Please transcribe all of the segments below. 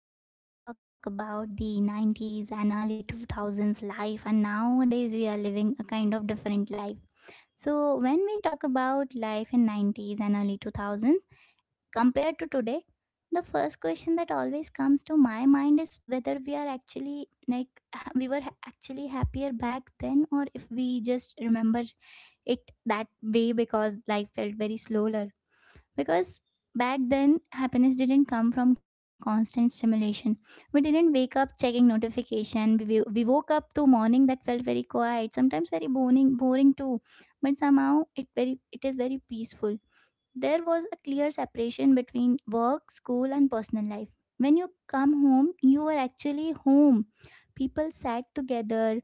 today we are going to talk about the 90s and early 2000s life, and nowadays we are living a kind of different life. So when we talk about life in 90s and early 2000s compared to today, the first question that always comes to my mind is whether we are actually actually happier back then, or if we just remember it that way because life felt very slower. Because back then, happiness didn't come from constant stimulation. We didn't wake up checking notification. We woke up to morning that felt very quiet, sometimes very boring too, but somehow it is very peaceful. There was a clear separation between work, school and personal life. When you come home, you are actually home. People sat together,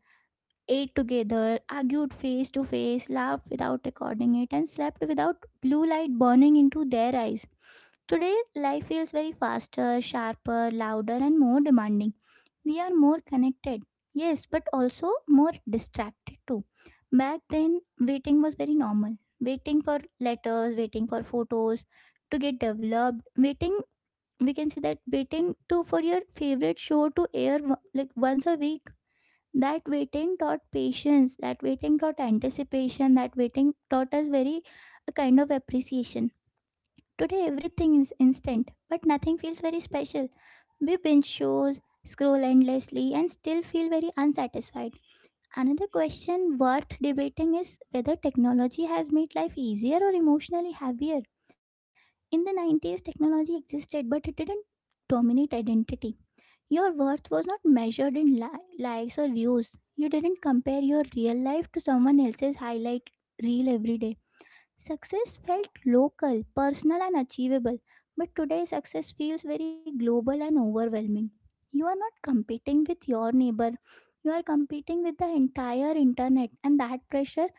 ate together, argued face to face, laughed without recording it, and slept without blue light burning into their eyes. Today, life feels very faster, sharper, louder, and more demanding. We are more connected, yes, but also more distracted too. Back then, waiting was very normal. Waiting for letters, waiting for photos to get developed, waiting we can say that waiting to for your favorite show to air, like once a week. That waiting taught patience, that waiting taught anticipation, that waiting taught us very a kind of appreciation. Today everything is instant, but nothing feels very special. We binge shows, scroll endlessly, and still feel very unsatisfied. Another question worth debating is whether technology has made life easier or emotionally heavier. In the 90s, technology existed, but it didn't dominate identity. Your worth was not measured in likes or views. You didn't compare your real life to someone else's highlight reel every day. Success felt local, personal, and achievable, but today success feels very global and overwhelming. You are not competing with your neighbor, you are competing with the entire internet, and that pressure,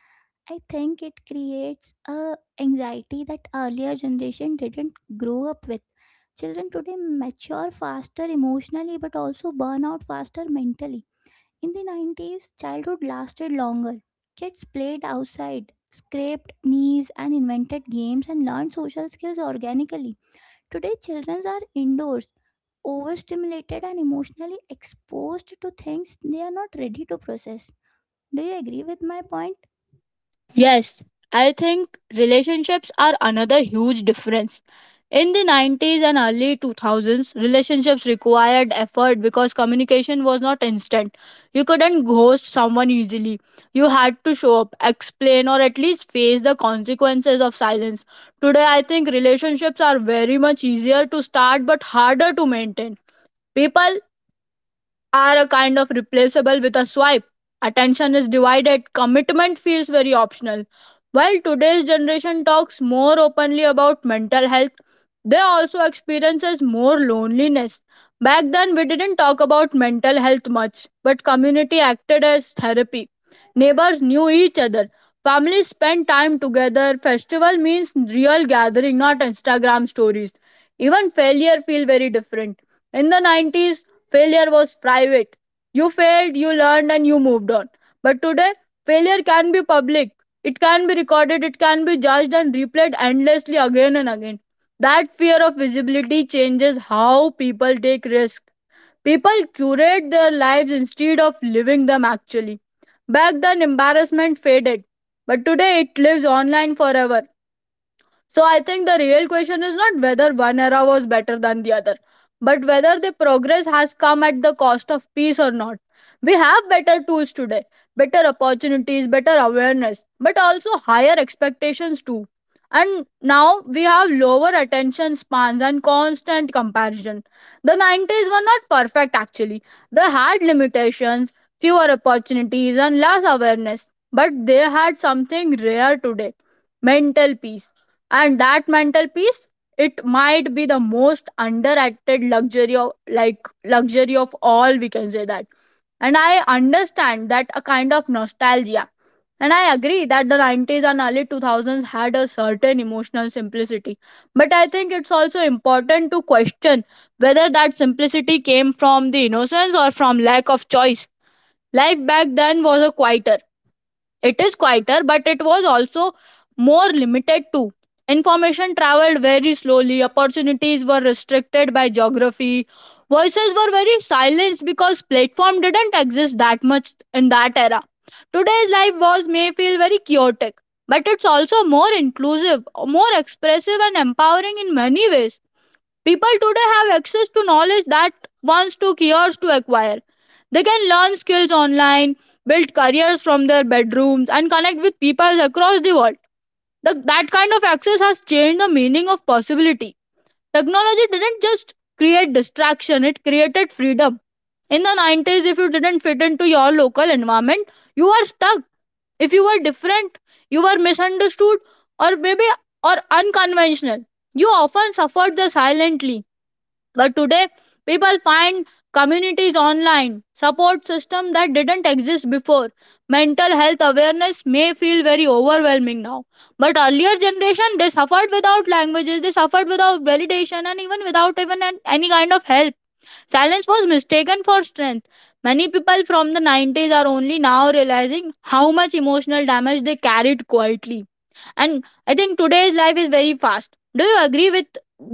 I think it creates a anxiety that earlier generation didn't grow up with. Children today mature faster emotionally but also burn out faster mentally. In the 90s, childhood lasted longer. Kids played outside, scraped knees, and invented games and learned social skills organically. Today, children are indoors, overstimulated, and emotionally exposed to things they are not ready to process. Do you agree with my point? Yes, I think relationships are another huge difference. In the 90s and early 2000s, relationships required effort because communication was not instant. You couldn't ghost someone easily. You had to show up, explain, or at least face the consequences of silence. Today, I think relationships are very much easier to start but harder to maintain. People are a kind of replaceable with a swipe. Attention is divided, commitment feels very optional. While today's generation talks more openly about mental health, they also experiences more loneliness. Back then we didn't talk about mental health much, but community acted as therapy. Neighbors knew each other. Families spent time together. Festival means real gathering, not Instagram stories. Even failure feel very different. In the 90s, failure was private. You failed, you learned, and you moved on. But today, failure can be public. It can be recorded, it can be judged and replayed endlessly again and again. That fear of visibility changes how people take risks. People curate their lives instead of living them actually. Back then, embarrassment faded, but today it lives online forever. So I think the real question is not whether one era was better than the other, but whether the progress has come at the cost of peace or not. We have better tools today, better opportunities, better awareness, but also higher expectations too. And now we have lower attention spans and constant comparison. The 90s were not perfect actually. They had limitations, fewer opportunities, and less awareness, but they had something rare today mental peace, and that mental peace, it might be the most underrated luxury of, like, luxury of all, we can say that. And I understand that a kind of nostalgia, and I agree that the 90s and early 2000s had a certain emotional simplicity, but I think it's also important to question whether that simplicity came from the innocence or from lack of choice. Life back then was a quieter, it is quieter, but it was also more limited too. Information traveled very slowly, opportunities were restricted by geography, voices were very silenced because platform didn't exist that much in that era. Today's life was may feel very chaotic, but it's also more inclusive, more expressive and empowering in many ways. People today have access to knowledge that once took years to acquire. They can learn skills online, build careers from their bedrooms, and connect with people across the world. That kind of access has changed the meaning of possibility. Technology didn't just create distraction, it created freedom. In the 90s, if you didn't fit into your local environment, you were stuck. If you were different, you were misunderstood, or maybe or unconventional. You often suffered the silently. But today, people find communities online, support system that didn't exist before. Mental health awareness may feel very overwhelming now. But earlier generation, they suffered without languages, they suffered without validation and even without even any kind of help. Silence was mistaken for strength. Many people from the 90s are only now realizing how much emotional damage they carried quietly. And I think today's life is very fast. Do you agree with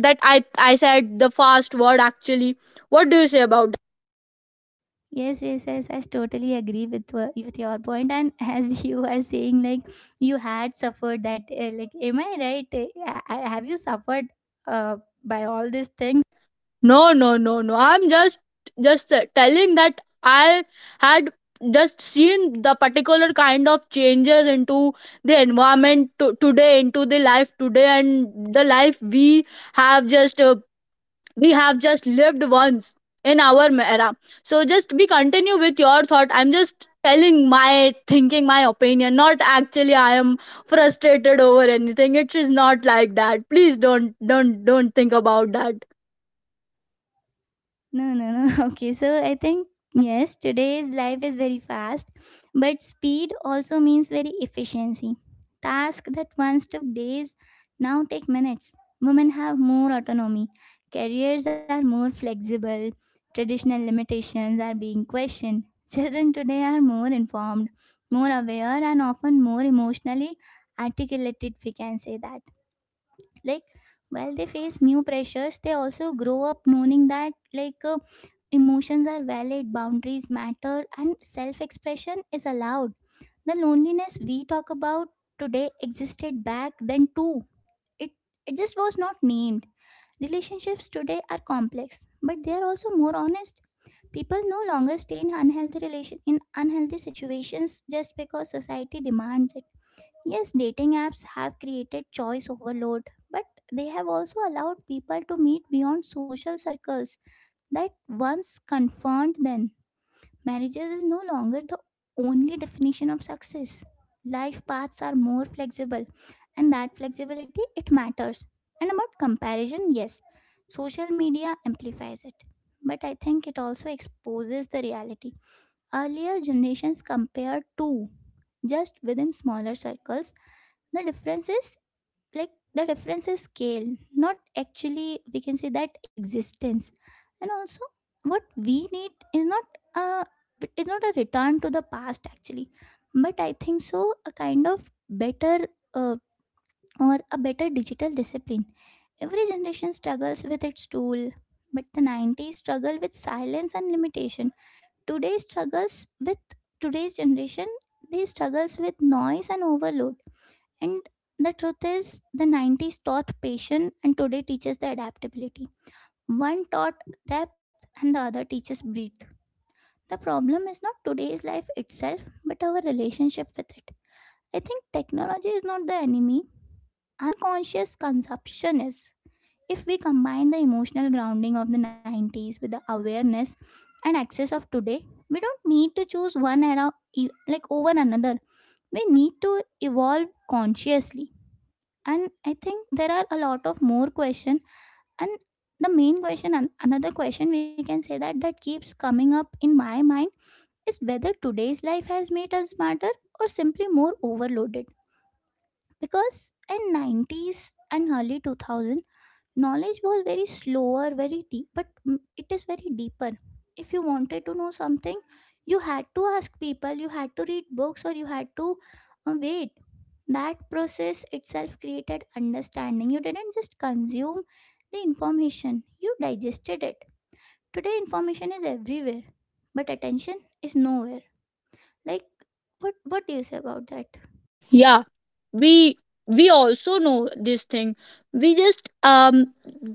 that? I said the fast word actually. What do you say about? Yes, yes, yes. I totally agree with with your point. And as you are saying, like, you had suffered that, like, am I right? Have you suffered uh, by all these things? No, no, no, no. I'm just telling that I had just seen the particular kind of changes into the environment to, today into the life today and the life have just uh, we have just lived once in our era. So just be continue with your thought. I'm just telling my thinking, my opinion, not actually I am frustrated over anything. It is not like that. Please don't think about that. No, no, no. Okay, so I think yes, today's life is very fast, but speed also means very efficiency. Tasks that once took days now take minutes. Women have more autonomy. Careers are more flexible. Traditional limitations are being questioned. Children today are more informed, more aware, and often more emotionally articulated, if we can say that. Like, while they face new pressures, they also grow up knowing that, like emotions are valid, boundaries matter, and self expression is allowed. The loneliness we talk about today existed back then too. It it just was not named. Relationships today are complex, but they are also more honest. People no longer stay in unhealthy relation in unhealthy situations just because society demands it. Yes, dating apps have created choice overload, but they have also allowed people to meet beyond social circles that once confirmed them. Marriages is no longer the only definition of success. Life paths are more flexible, and that flexibility it matters. And about comparison, yes, social media amplifies it. But I think it also exposes the reality. Earlier generations compared to just within smaller circles. The difference is, like, the difference is scale, not actually, we can say that, existence. And also, what we need is not is not a return to the past actually, but I think so, a kind of better, uh, or a better digital discipline. Every generation struggles with its tool, but the 90s struggle with silence and limitation. today struggles with Today's generation, they struggles with noise and overload. And the truth is, the 90s taught patience and today teaches the adaptability. One taught depth and the other teaches breadth. The problem is not today's life itself, but our relationship with it. I think technology is not the enemy, unconscious consumption is. If we combine the emotional grounding of the 90s with the awareness and access of today, we don't need to choose one era like over another. We need to evolve consciously. And I think there are a lot of more question, and the main question and another question, we can say, that that keeps coming up in my mind is whether today's life has made us smarter or simply more overloaded. Because in 90s and early 2000s, knowledge was very slower, very deep, but it is very deeper. If you wanted to know something, you had to ask people, you had to read books, or you had to wait. That process itself created understanding. You didn't just consume the information, you digested it. Today information is everywhere, but attention is nowhere. Like, what do you say about that? Yeah, we we also know this thing, we just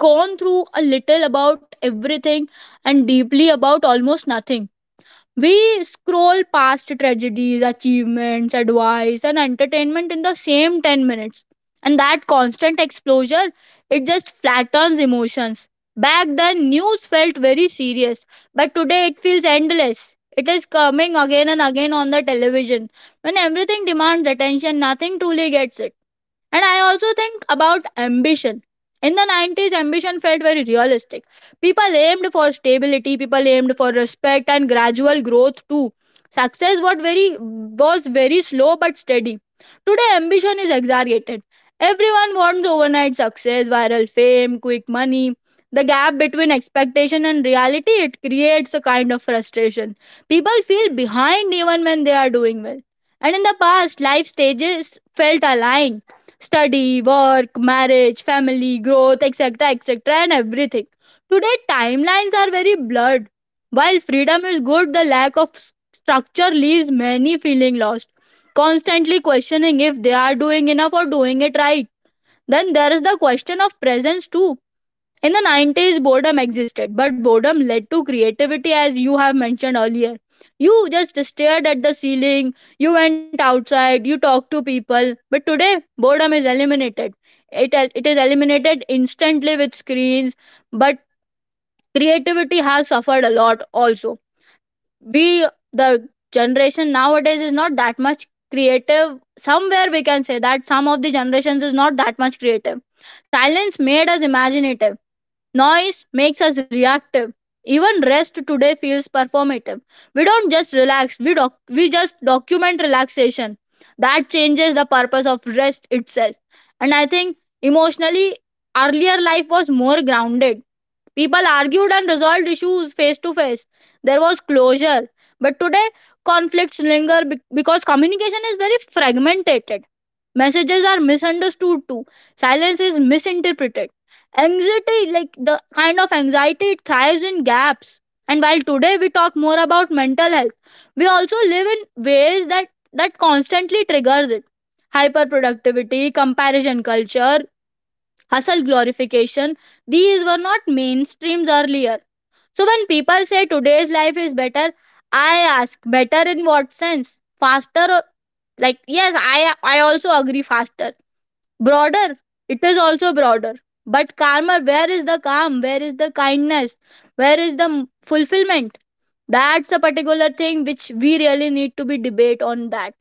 gone through a little about everything and deeply about almost nothing. We scroll past tragedies, achievements, advice, and entertainment in the same 10 minutes. And that constant exposure, it just flattens emotions. Back then, news felt very serious, but today it feels endless. It is coming again and again on the television. When everything demands attention, nothing truly gets it. And I also think about ambition. In the 90s, ambition felt very realistic. People aimed for stability, people aimed for respect and gradual growth too. Success was very slow but steady. Today, ambition is exaggerated. Everyone wants overnight success, viral fame, quick money. The gap between expectation and reality, it creates a kind of frustration. People feel behind even when they are doing well. And in the past, life stages felt aligned: study, work, marriage, family, growth, etc., etc., and everything. Today, timelines are very blurred. While freedom is good, the lack of structure leaves many feeling lost, constantly questioning if they are doing enough or doing it right. Then there is the question of presence too. In the 90s, boredom existed, but boredom led to creativity, as you have mentioned earlier. You just stared at the ceiling, you went outside, you talked to people. But today, boredom is eliminated. It is eliminated instantly with screens, but creativity has suffered a lot also. We, the generation nowadays, is not that much creative. Somewhere we can say that some of the generations is not that much creative. Silence made us imaginative. Noise makes us reactive. Even rest today feels performative. We don't just relax, we just document relaxation. That changes the purpose of rest itself. And I think emotionally, earlier life was more grounded. People argued and resolved issues face to face. There was closure. But today, conflicts linger because communication is very fragmented. Messages are misunderstood too. Silence is misinterpreted. Anxiety, like the kind of anxiety, it thrives in gaps. And while today we talk more about mental health, we also live in ways that constantly triggers it. Hyperproductivity, comparison culture, hustle glorification, these were not mainstreams earlier. So when people say today's life is better, I ask, better in what sense? Faster or, like, yes, I also agree, faster, broader, it is also broader, but karma, where is the calm, where is the kindness, where is the fulfillment? That's a particular thing which we really need to be debate on that.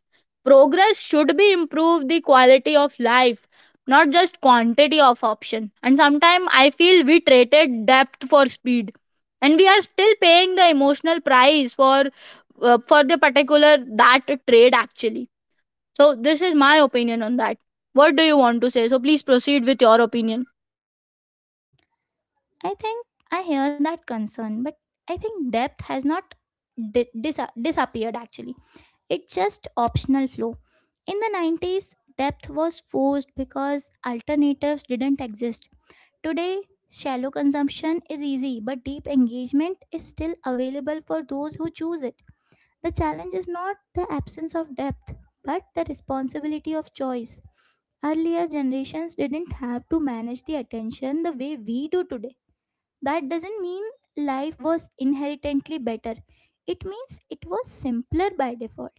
Progress should be improve the quality of life, not just quantity of option. And sometimes I feel we traded depth for speed, and we are still paying the emotional price for, for the particular that trade actually. So, this is my opinion on that. What do you want to say? So, please proceed with your opinion. I think I hear that concern, but I think depth has not disappeared actually. It's just optional flow. In the 90s, depth was forced because alternatives didn't exist. Today, shallow consumption is easy, but deep engagement is still available for those who choose it. The challenge is not the absence of depth, but the responsibility of choice. Earlier generations didn't have to manage the attention the way we do today. That doesn't mean life was inherently better, it means it was simpler by default.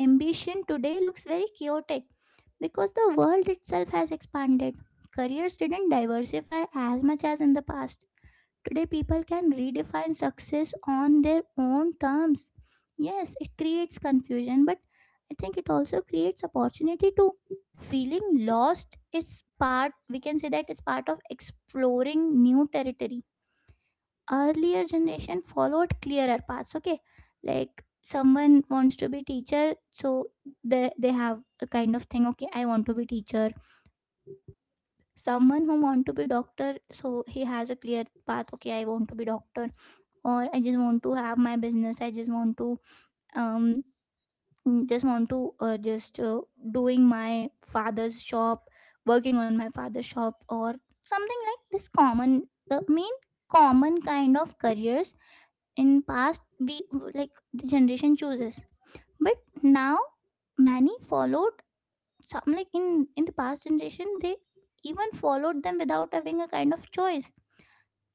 Ambition today looks very chaotic because the world itself has expanded. Careers didn't diversify as much as in the past. Today, people can redefine success on their own terms. Yes, it creates confusion, but I think it also creates opportunity too. Feeling lost is part, we can say that, it's part of exploring new territory. Earlier generation followed clearer paths. Okay, like someone wants to be teacher, so they have a kind of thing, okay, I want to be teacher. Someone who want to be doctor, so he has a clear path, okay, I want to be doctor. Or I just want to have my business, I just want to um just want to just doing my father's shop, working on my father's shop, or something like this common, the main common kind of careers in past. We, like, the generation chooses, but now many followed, some, like, in the past generation, they even followed them without having a kind of choice.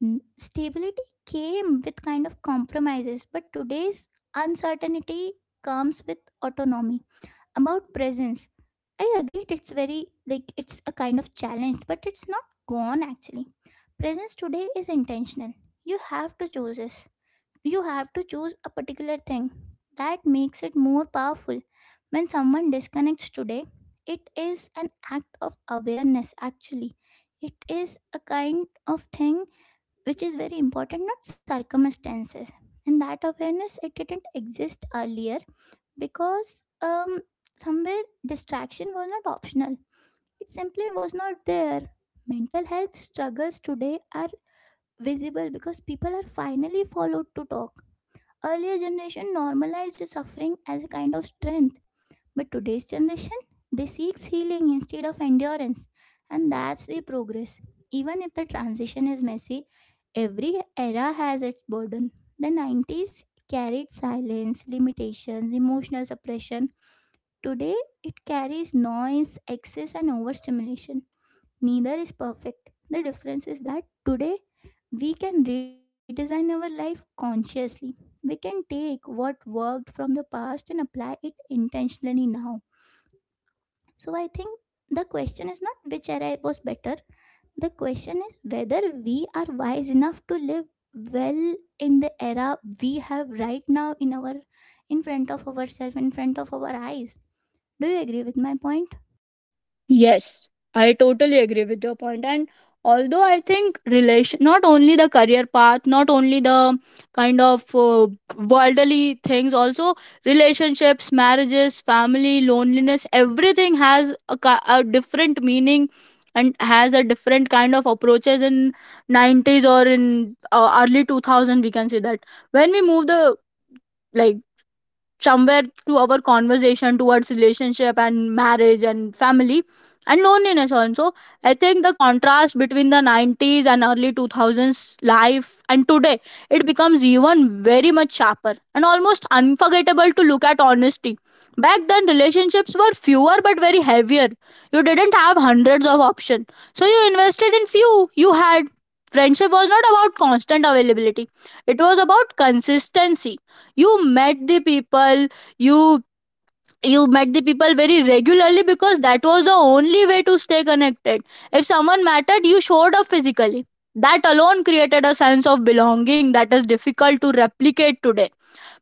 N- Stability came with kind of compromises, but today's uncertainty comes with autonomy. About presence, I agreed it's very, like, it's a kind of challenge, but it's not gone actually. Presence today is intentional. You have to choose it, you have to choose a particular thing. That makes it more powerful. When someone disconnects today, it is an act of awareness actually. It is a kind of thing which is very important, not circumstances. And that awareness it didn't exist earlier because somewhere distraction was not optional. It simply was not there. Mental health struggles today are visible because people are finally followed to talk. Earlier generation normalized suffering as a kind of strength, but today's generation, they seeks healing instead of endurance, and that's the progress. Even if the transition is messy, every era has its burden. The 90s carried silence, limitations, emotional suppression. Today it carries noise, excess and overstimulation. Neither is perfect. The difference is that today we can redesign our life consciously. We can take what worked from the past and apply it intentionally now. So I think the question is not which era was better. The question is whether we are wise enough to live well in the era we have right now, in our, in front of ourselves, in front of our eyes. Do you agree with my point? Yes, I totally agree with your point. And although I think relation, not only the career path, not only the kind of worldly things, also relationships, marriages, family, loneliness, everything has a, a different meaning and has a different kind of approaches in 90s or in early 2000, we can say that. When we move the, like, somewhere to our conversation towards relationship and marriage and family and loneliness also, I think the contrast between the 90s and early 2000s life and today, it becomes even very much sharper and almost unforgettable to look at honesty. Back then relationships were fewer but very heavier. You didn't have hundreds of options, so you invested in few. You had friendship was not about constant availability, it was about consistency. You met the people you you met the people very regularly because that was the only way to stay connected. If someone mattered, you showed up physically. That alone created a sense of belonging that is difficult to replicate today.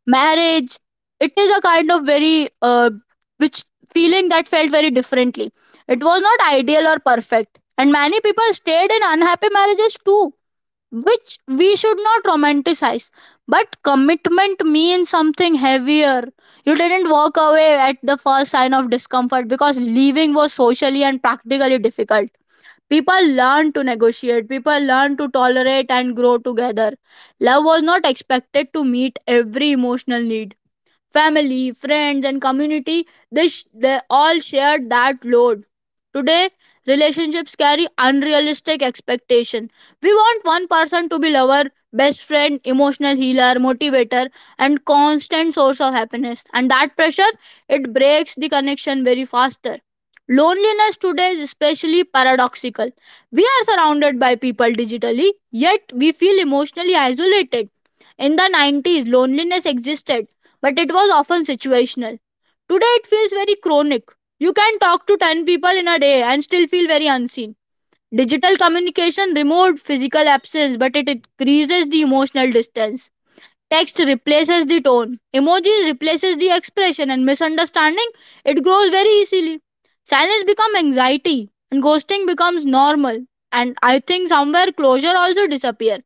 Marriage, it is a kind of very which feeling that felt very differently. It was not ideal or perfect and many people stayed in unhappy marriages too, which we should not romanticize. But commitment means something heavier. You didn't walk away at the first sign of discomfort because leaving was socially and practically difficult. People learn to negotiate, people learn to tolerate and grow together. Love was not expected to meet every emotional need. Family, friends, and community, they all shared that load. Today, relationships carry unrealistic expectation. We want one person to be lover, best friend, emotional healer, motivator, and constant source of happiness. And that pressure, it breaks the connection very faster. Loneliness today is especially paradoxical. We are surrounded by people digitally, yet we feel emotionally isolated. In the 90s, loneliness existed but it was often situational. Today it feels very chronic. You can talk to 10 people in a day and still feel very unseen. Digital communication removed physical absence, but it increases the emotional distance. Text replaces the tone. Emojis replaces the expression and misunderstanding, it grows very easily. Silence becomes anxiety and ghosting becomes normal. And I think somewhere closure also disappear.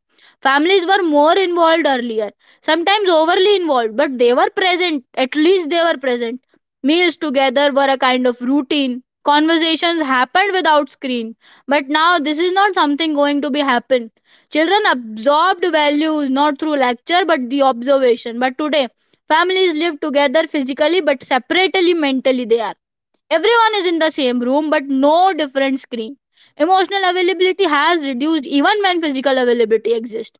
Families were more involved earlier, sometimes overly involved, but they were present. At least they were present. Meals together were a kind of routine. Conversations happened without screen. But now this is not something going to be happen. Children absorbed values not through lecture but the observation. But today, families live together physically but separately mentally. They are Everyone is in the same room but no different screen. Emotional availability has reduced even when physical availability exists.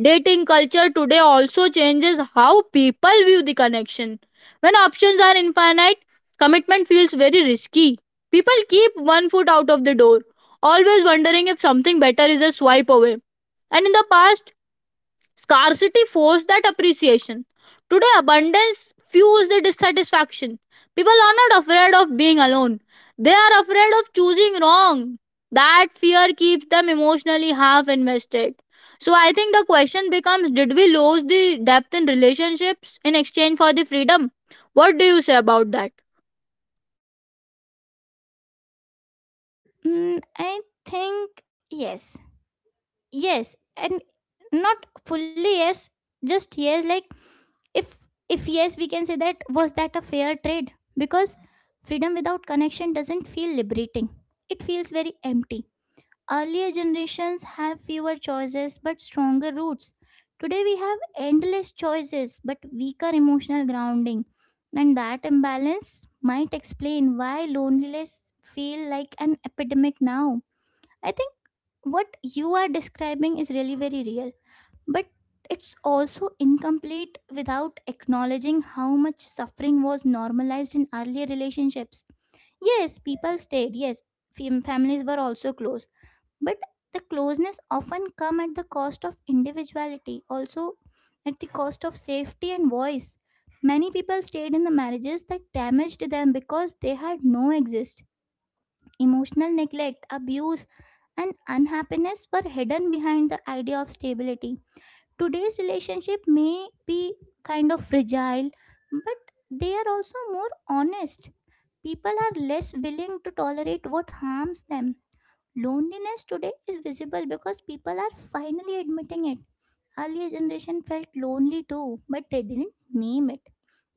Dating culture today also changes how people view the connection. When options are infinite, commitment feels very risky. People keep one foot out of the door, always wondering if something better is a swipe away. And in the past, scarcity forced that appreciation. Today, abundance fuels the dissatisfaction. People are not afraid of being alone, they are afraid of choosing wrong. That fear keeps them emotionally half invested. So, I think the question becomes: did we lose the depth in relationships in exchange for the freedom? What do you say about that? I think yes, yes, and not fully yes, just yes. Like, if yes, we can say that, was that a fair trade? Because freedom without connection doesn't feel liberating, it feels very empty. Earlier generations have fewer choices but stronger roots. Today we have endless choices but weaker emotional grounding, and that imbalance might explain why loneliness feel like an epidemic now. I think what you are describing is really very real, but it's also incomplete without acknowledging how much suffering was normalized in earlier relationships. Yes, people stayed, yes, families were also close, but the closeness often come at the cost of individuality, also at the cost of safety and voice. Many people stayed in the marriages that damaged them because they had no exist. Emotional neglect, abuse, and unhappiness were hidden behind the idea of stability. Today's relationship may be kind of fragile, but they are also more honest. People are less willing to tolerate what harms them. Loneliness today is visible because people are finally admitting it. Earlier generation felt lonely too, but they didn't name it.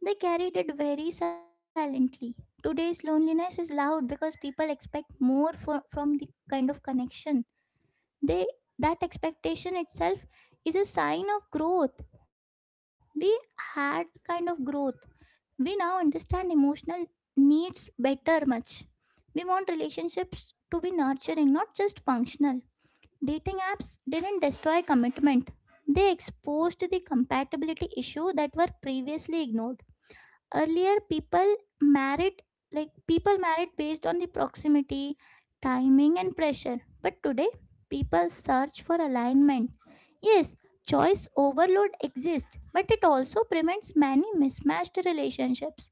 They carried it very silently. Today's loneliness is loud because people expect more for, from the kind of connection they, that expectation itself is a sign of growth. We had kind of growth. We now understand emotional needs better much. We want relationships to be nurturing, not just functional. Dating apps didn't destroy commitment, they exposed the compatibility issue that were previously ignored. Earlier people married, like, people married based on the proximity, timing and pressure, but today people search for alignment. Yes, choice overload exists, but it also prevents many mismatched relationships.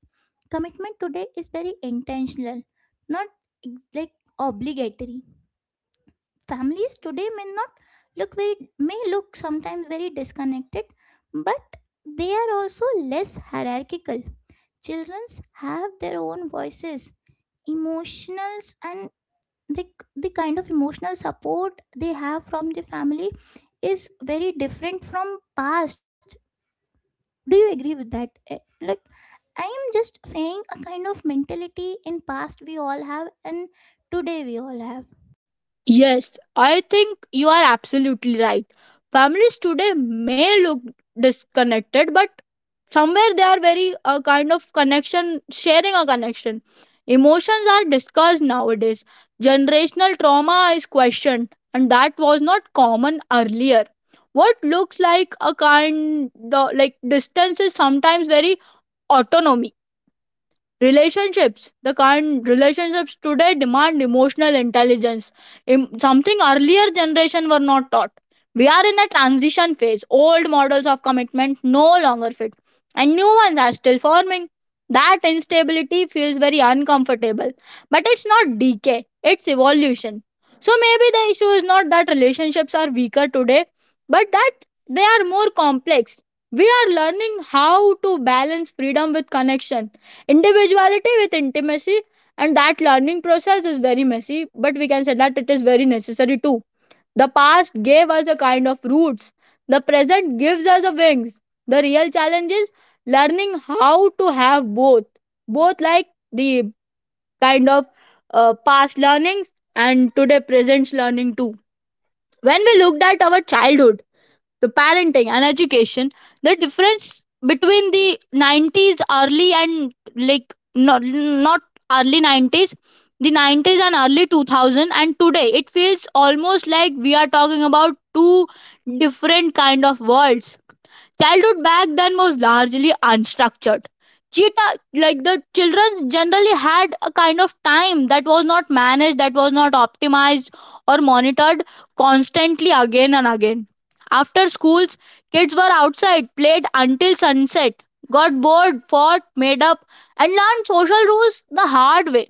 Commitment today is very intentional, not like obligatory. Families today may not look very may look sometimes very disconnected, but they are also less hierarchical. Children have their own voices, emotionals, and the, the kind of emotional support they have from the family is very different from past. Do you agree with that? Eh, like, I am just saying a kind of mentality in past we all have, and today we all have. Yes, I think you are absolutely right. Families today may look disconnected, but somewhere they are very kind of connection, sharing a connection. Emotions are discussed nowadays, generational trauma is questioned, and that was not common earlier. What looks like a kind of like distance is sometimes very autonomy. Relationships The current relationships today demand emotional intelligence. Something earlier generation were not taught. We are in a transition phase. Old models of commitment no longer fit, and new ones are still forming. That instability feels very uncomfortable, but it's not decay, it's evolution. So maybe the issue is not that relationships are weaker today, but that they are more complex. We are learning how to balance freedom with connection, individuality with intimacy, and that learning process is very messy, but we can say that it is very necessary too. The past gave us a kind of roots, the present gives us a wings. The real challenge is learning how to have both. Both like the kind of past learnings and today present learning too. When we looked at our childhood, the parenting and education, the difference between the 90s early and like not not early 90s, the 90s and early 2000, and today, it feels almost like we are talking about two different kind of worlds. Childhood back then was largely unstructured. Cheetah, like the children generally had a kind of time that was not managed, that was not optimized or monitored constantly again and again. After schools, kids were outside, played until sunset, got bored, fought, made up, and learned social rules the hard way.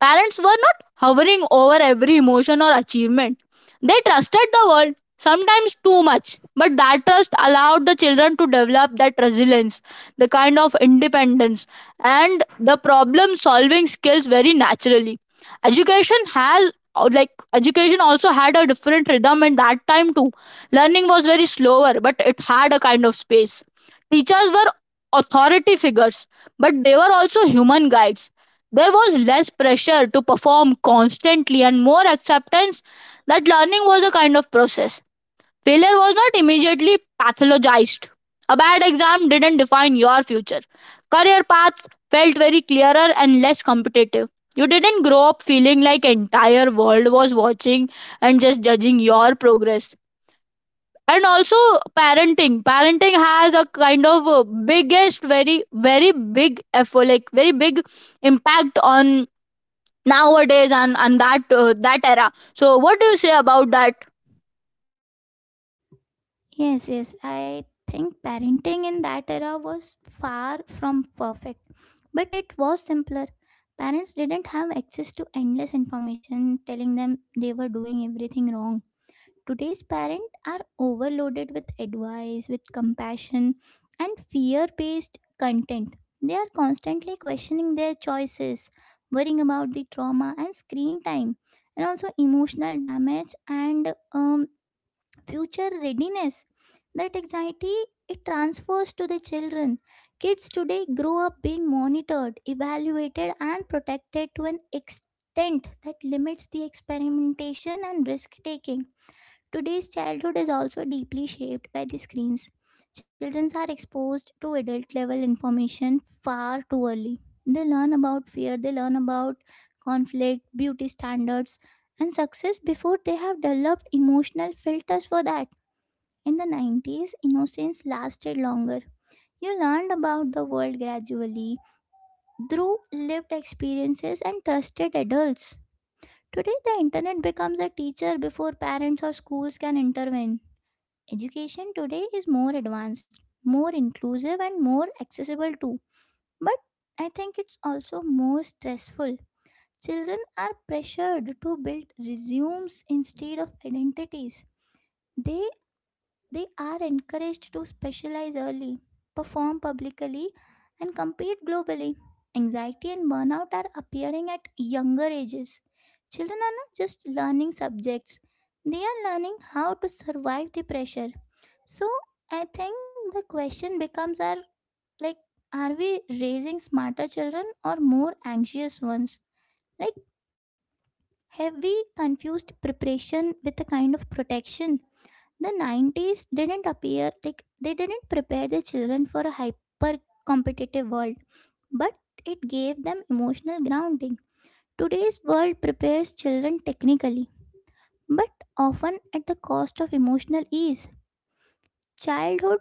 Parents were not hovering over every emotion or achievement. They trusted the world, sometimes too much, but that trust allowed the children to develop that resilience, the kind of independence, and the problem solving skills very naturally. Education has education also had a different rhythm at that time too. Learning was very slower, but it had a kind of space. Teachers were authority figures, but they were also human guides. There was less pressure to perform constantly and more acceptance that learning was a kind of process. Failure was not immediately pathologized. A bad exam didn't define your future. Career paths felt very clearer and less competitive. You didn't grow up feeling like the entire world was watching and just judging your progress. And also parenting. Parenting has a kind of biggest, very, very big effort, like very big impact on nowadays, and that that era. So what do you say about that? Yes, yes. I think parenting in that era was far from perfect, but it was simpler. Parents didn't have access to endless information telling them they were doing everything wrong. Today's parents are overloaded with advice, with compassion, and fear based content. They are constantly questioning their choices, worrying about the trauma and screen time, and also emotional damage and future readiness. That anxiety it transfers to the children. Kids today grow up being monitored, evaluated, and protected to an extent that limits the experimentation and risk taking. Today's childhood is also deeply shaped by the screens. Children are exposed to adult level information far too early. They learn about fear, they learn about conflict, beauty standards, and success before they have developed emotional filters for that. In the 90s, innocence lasted longer. You learned about the world gradually through lived experiences and trusted adults. Today, the internet becomes a teacher before parents or schools can intervene. Education today is more advanced, more inclusive, and more accessible too. But I think it's also more stressful. Children are pressured to build resumes instead of identities. They They are encouraged to specialize early, perform publicly, and compete globally. Anxiety and burnout are appearing at younger ages. Children are not just learning subjects, they are learning how to survive the pressure. So, I think the question becomes, are, like, are we raising smarter children or more anxious ones? Like, have we confused preparation with a kind of protection? The 90s didn't appear like they didn't prepare the children for a hyper competitive world, but it gave them emotional grounding. Today's world prepares children technically, but often at the cost of emotional ease. Childhood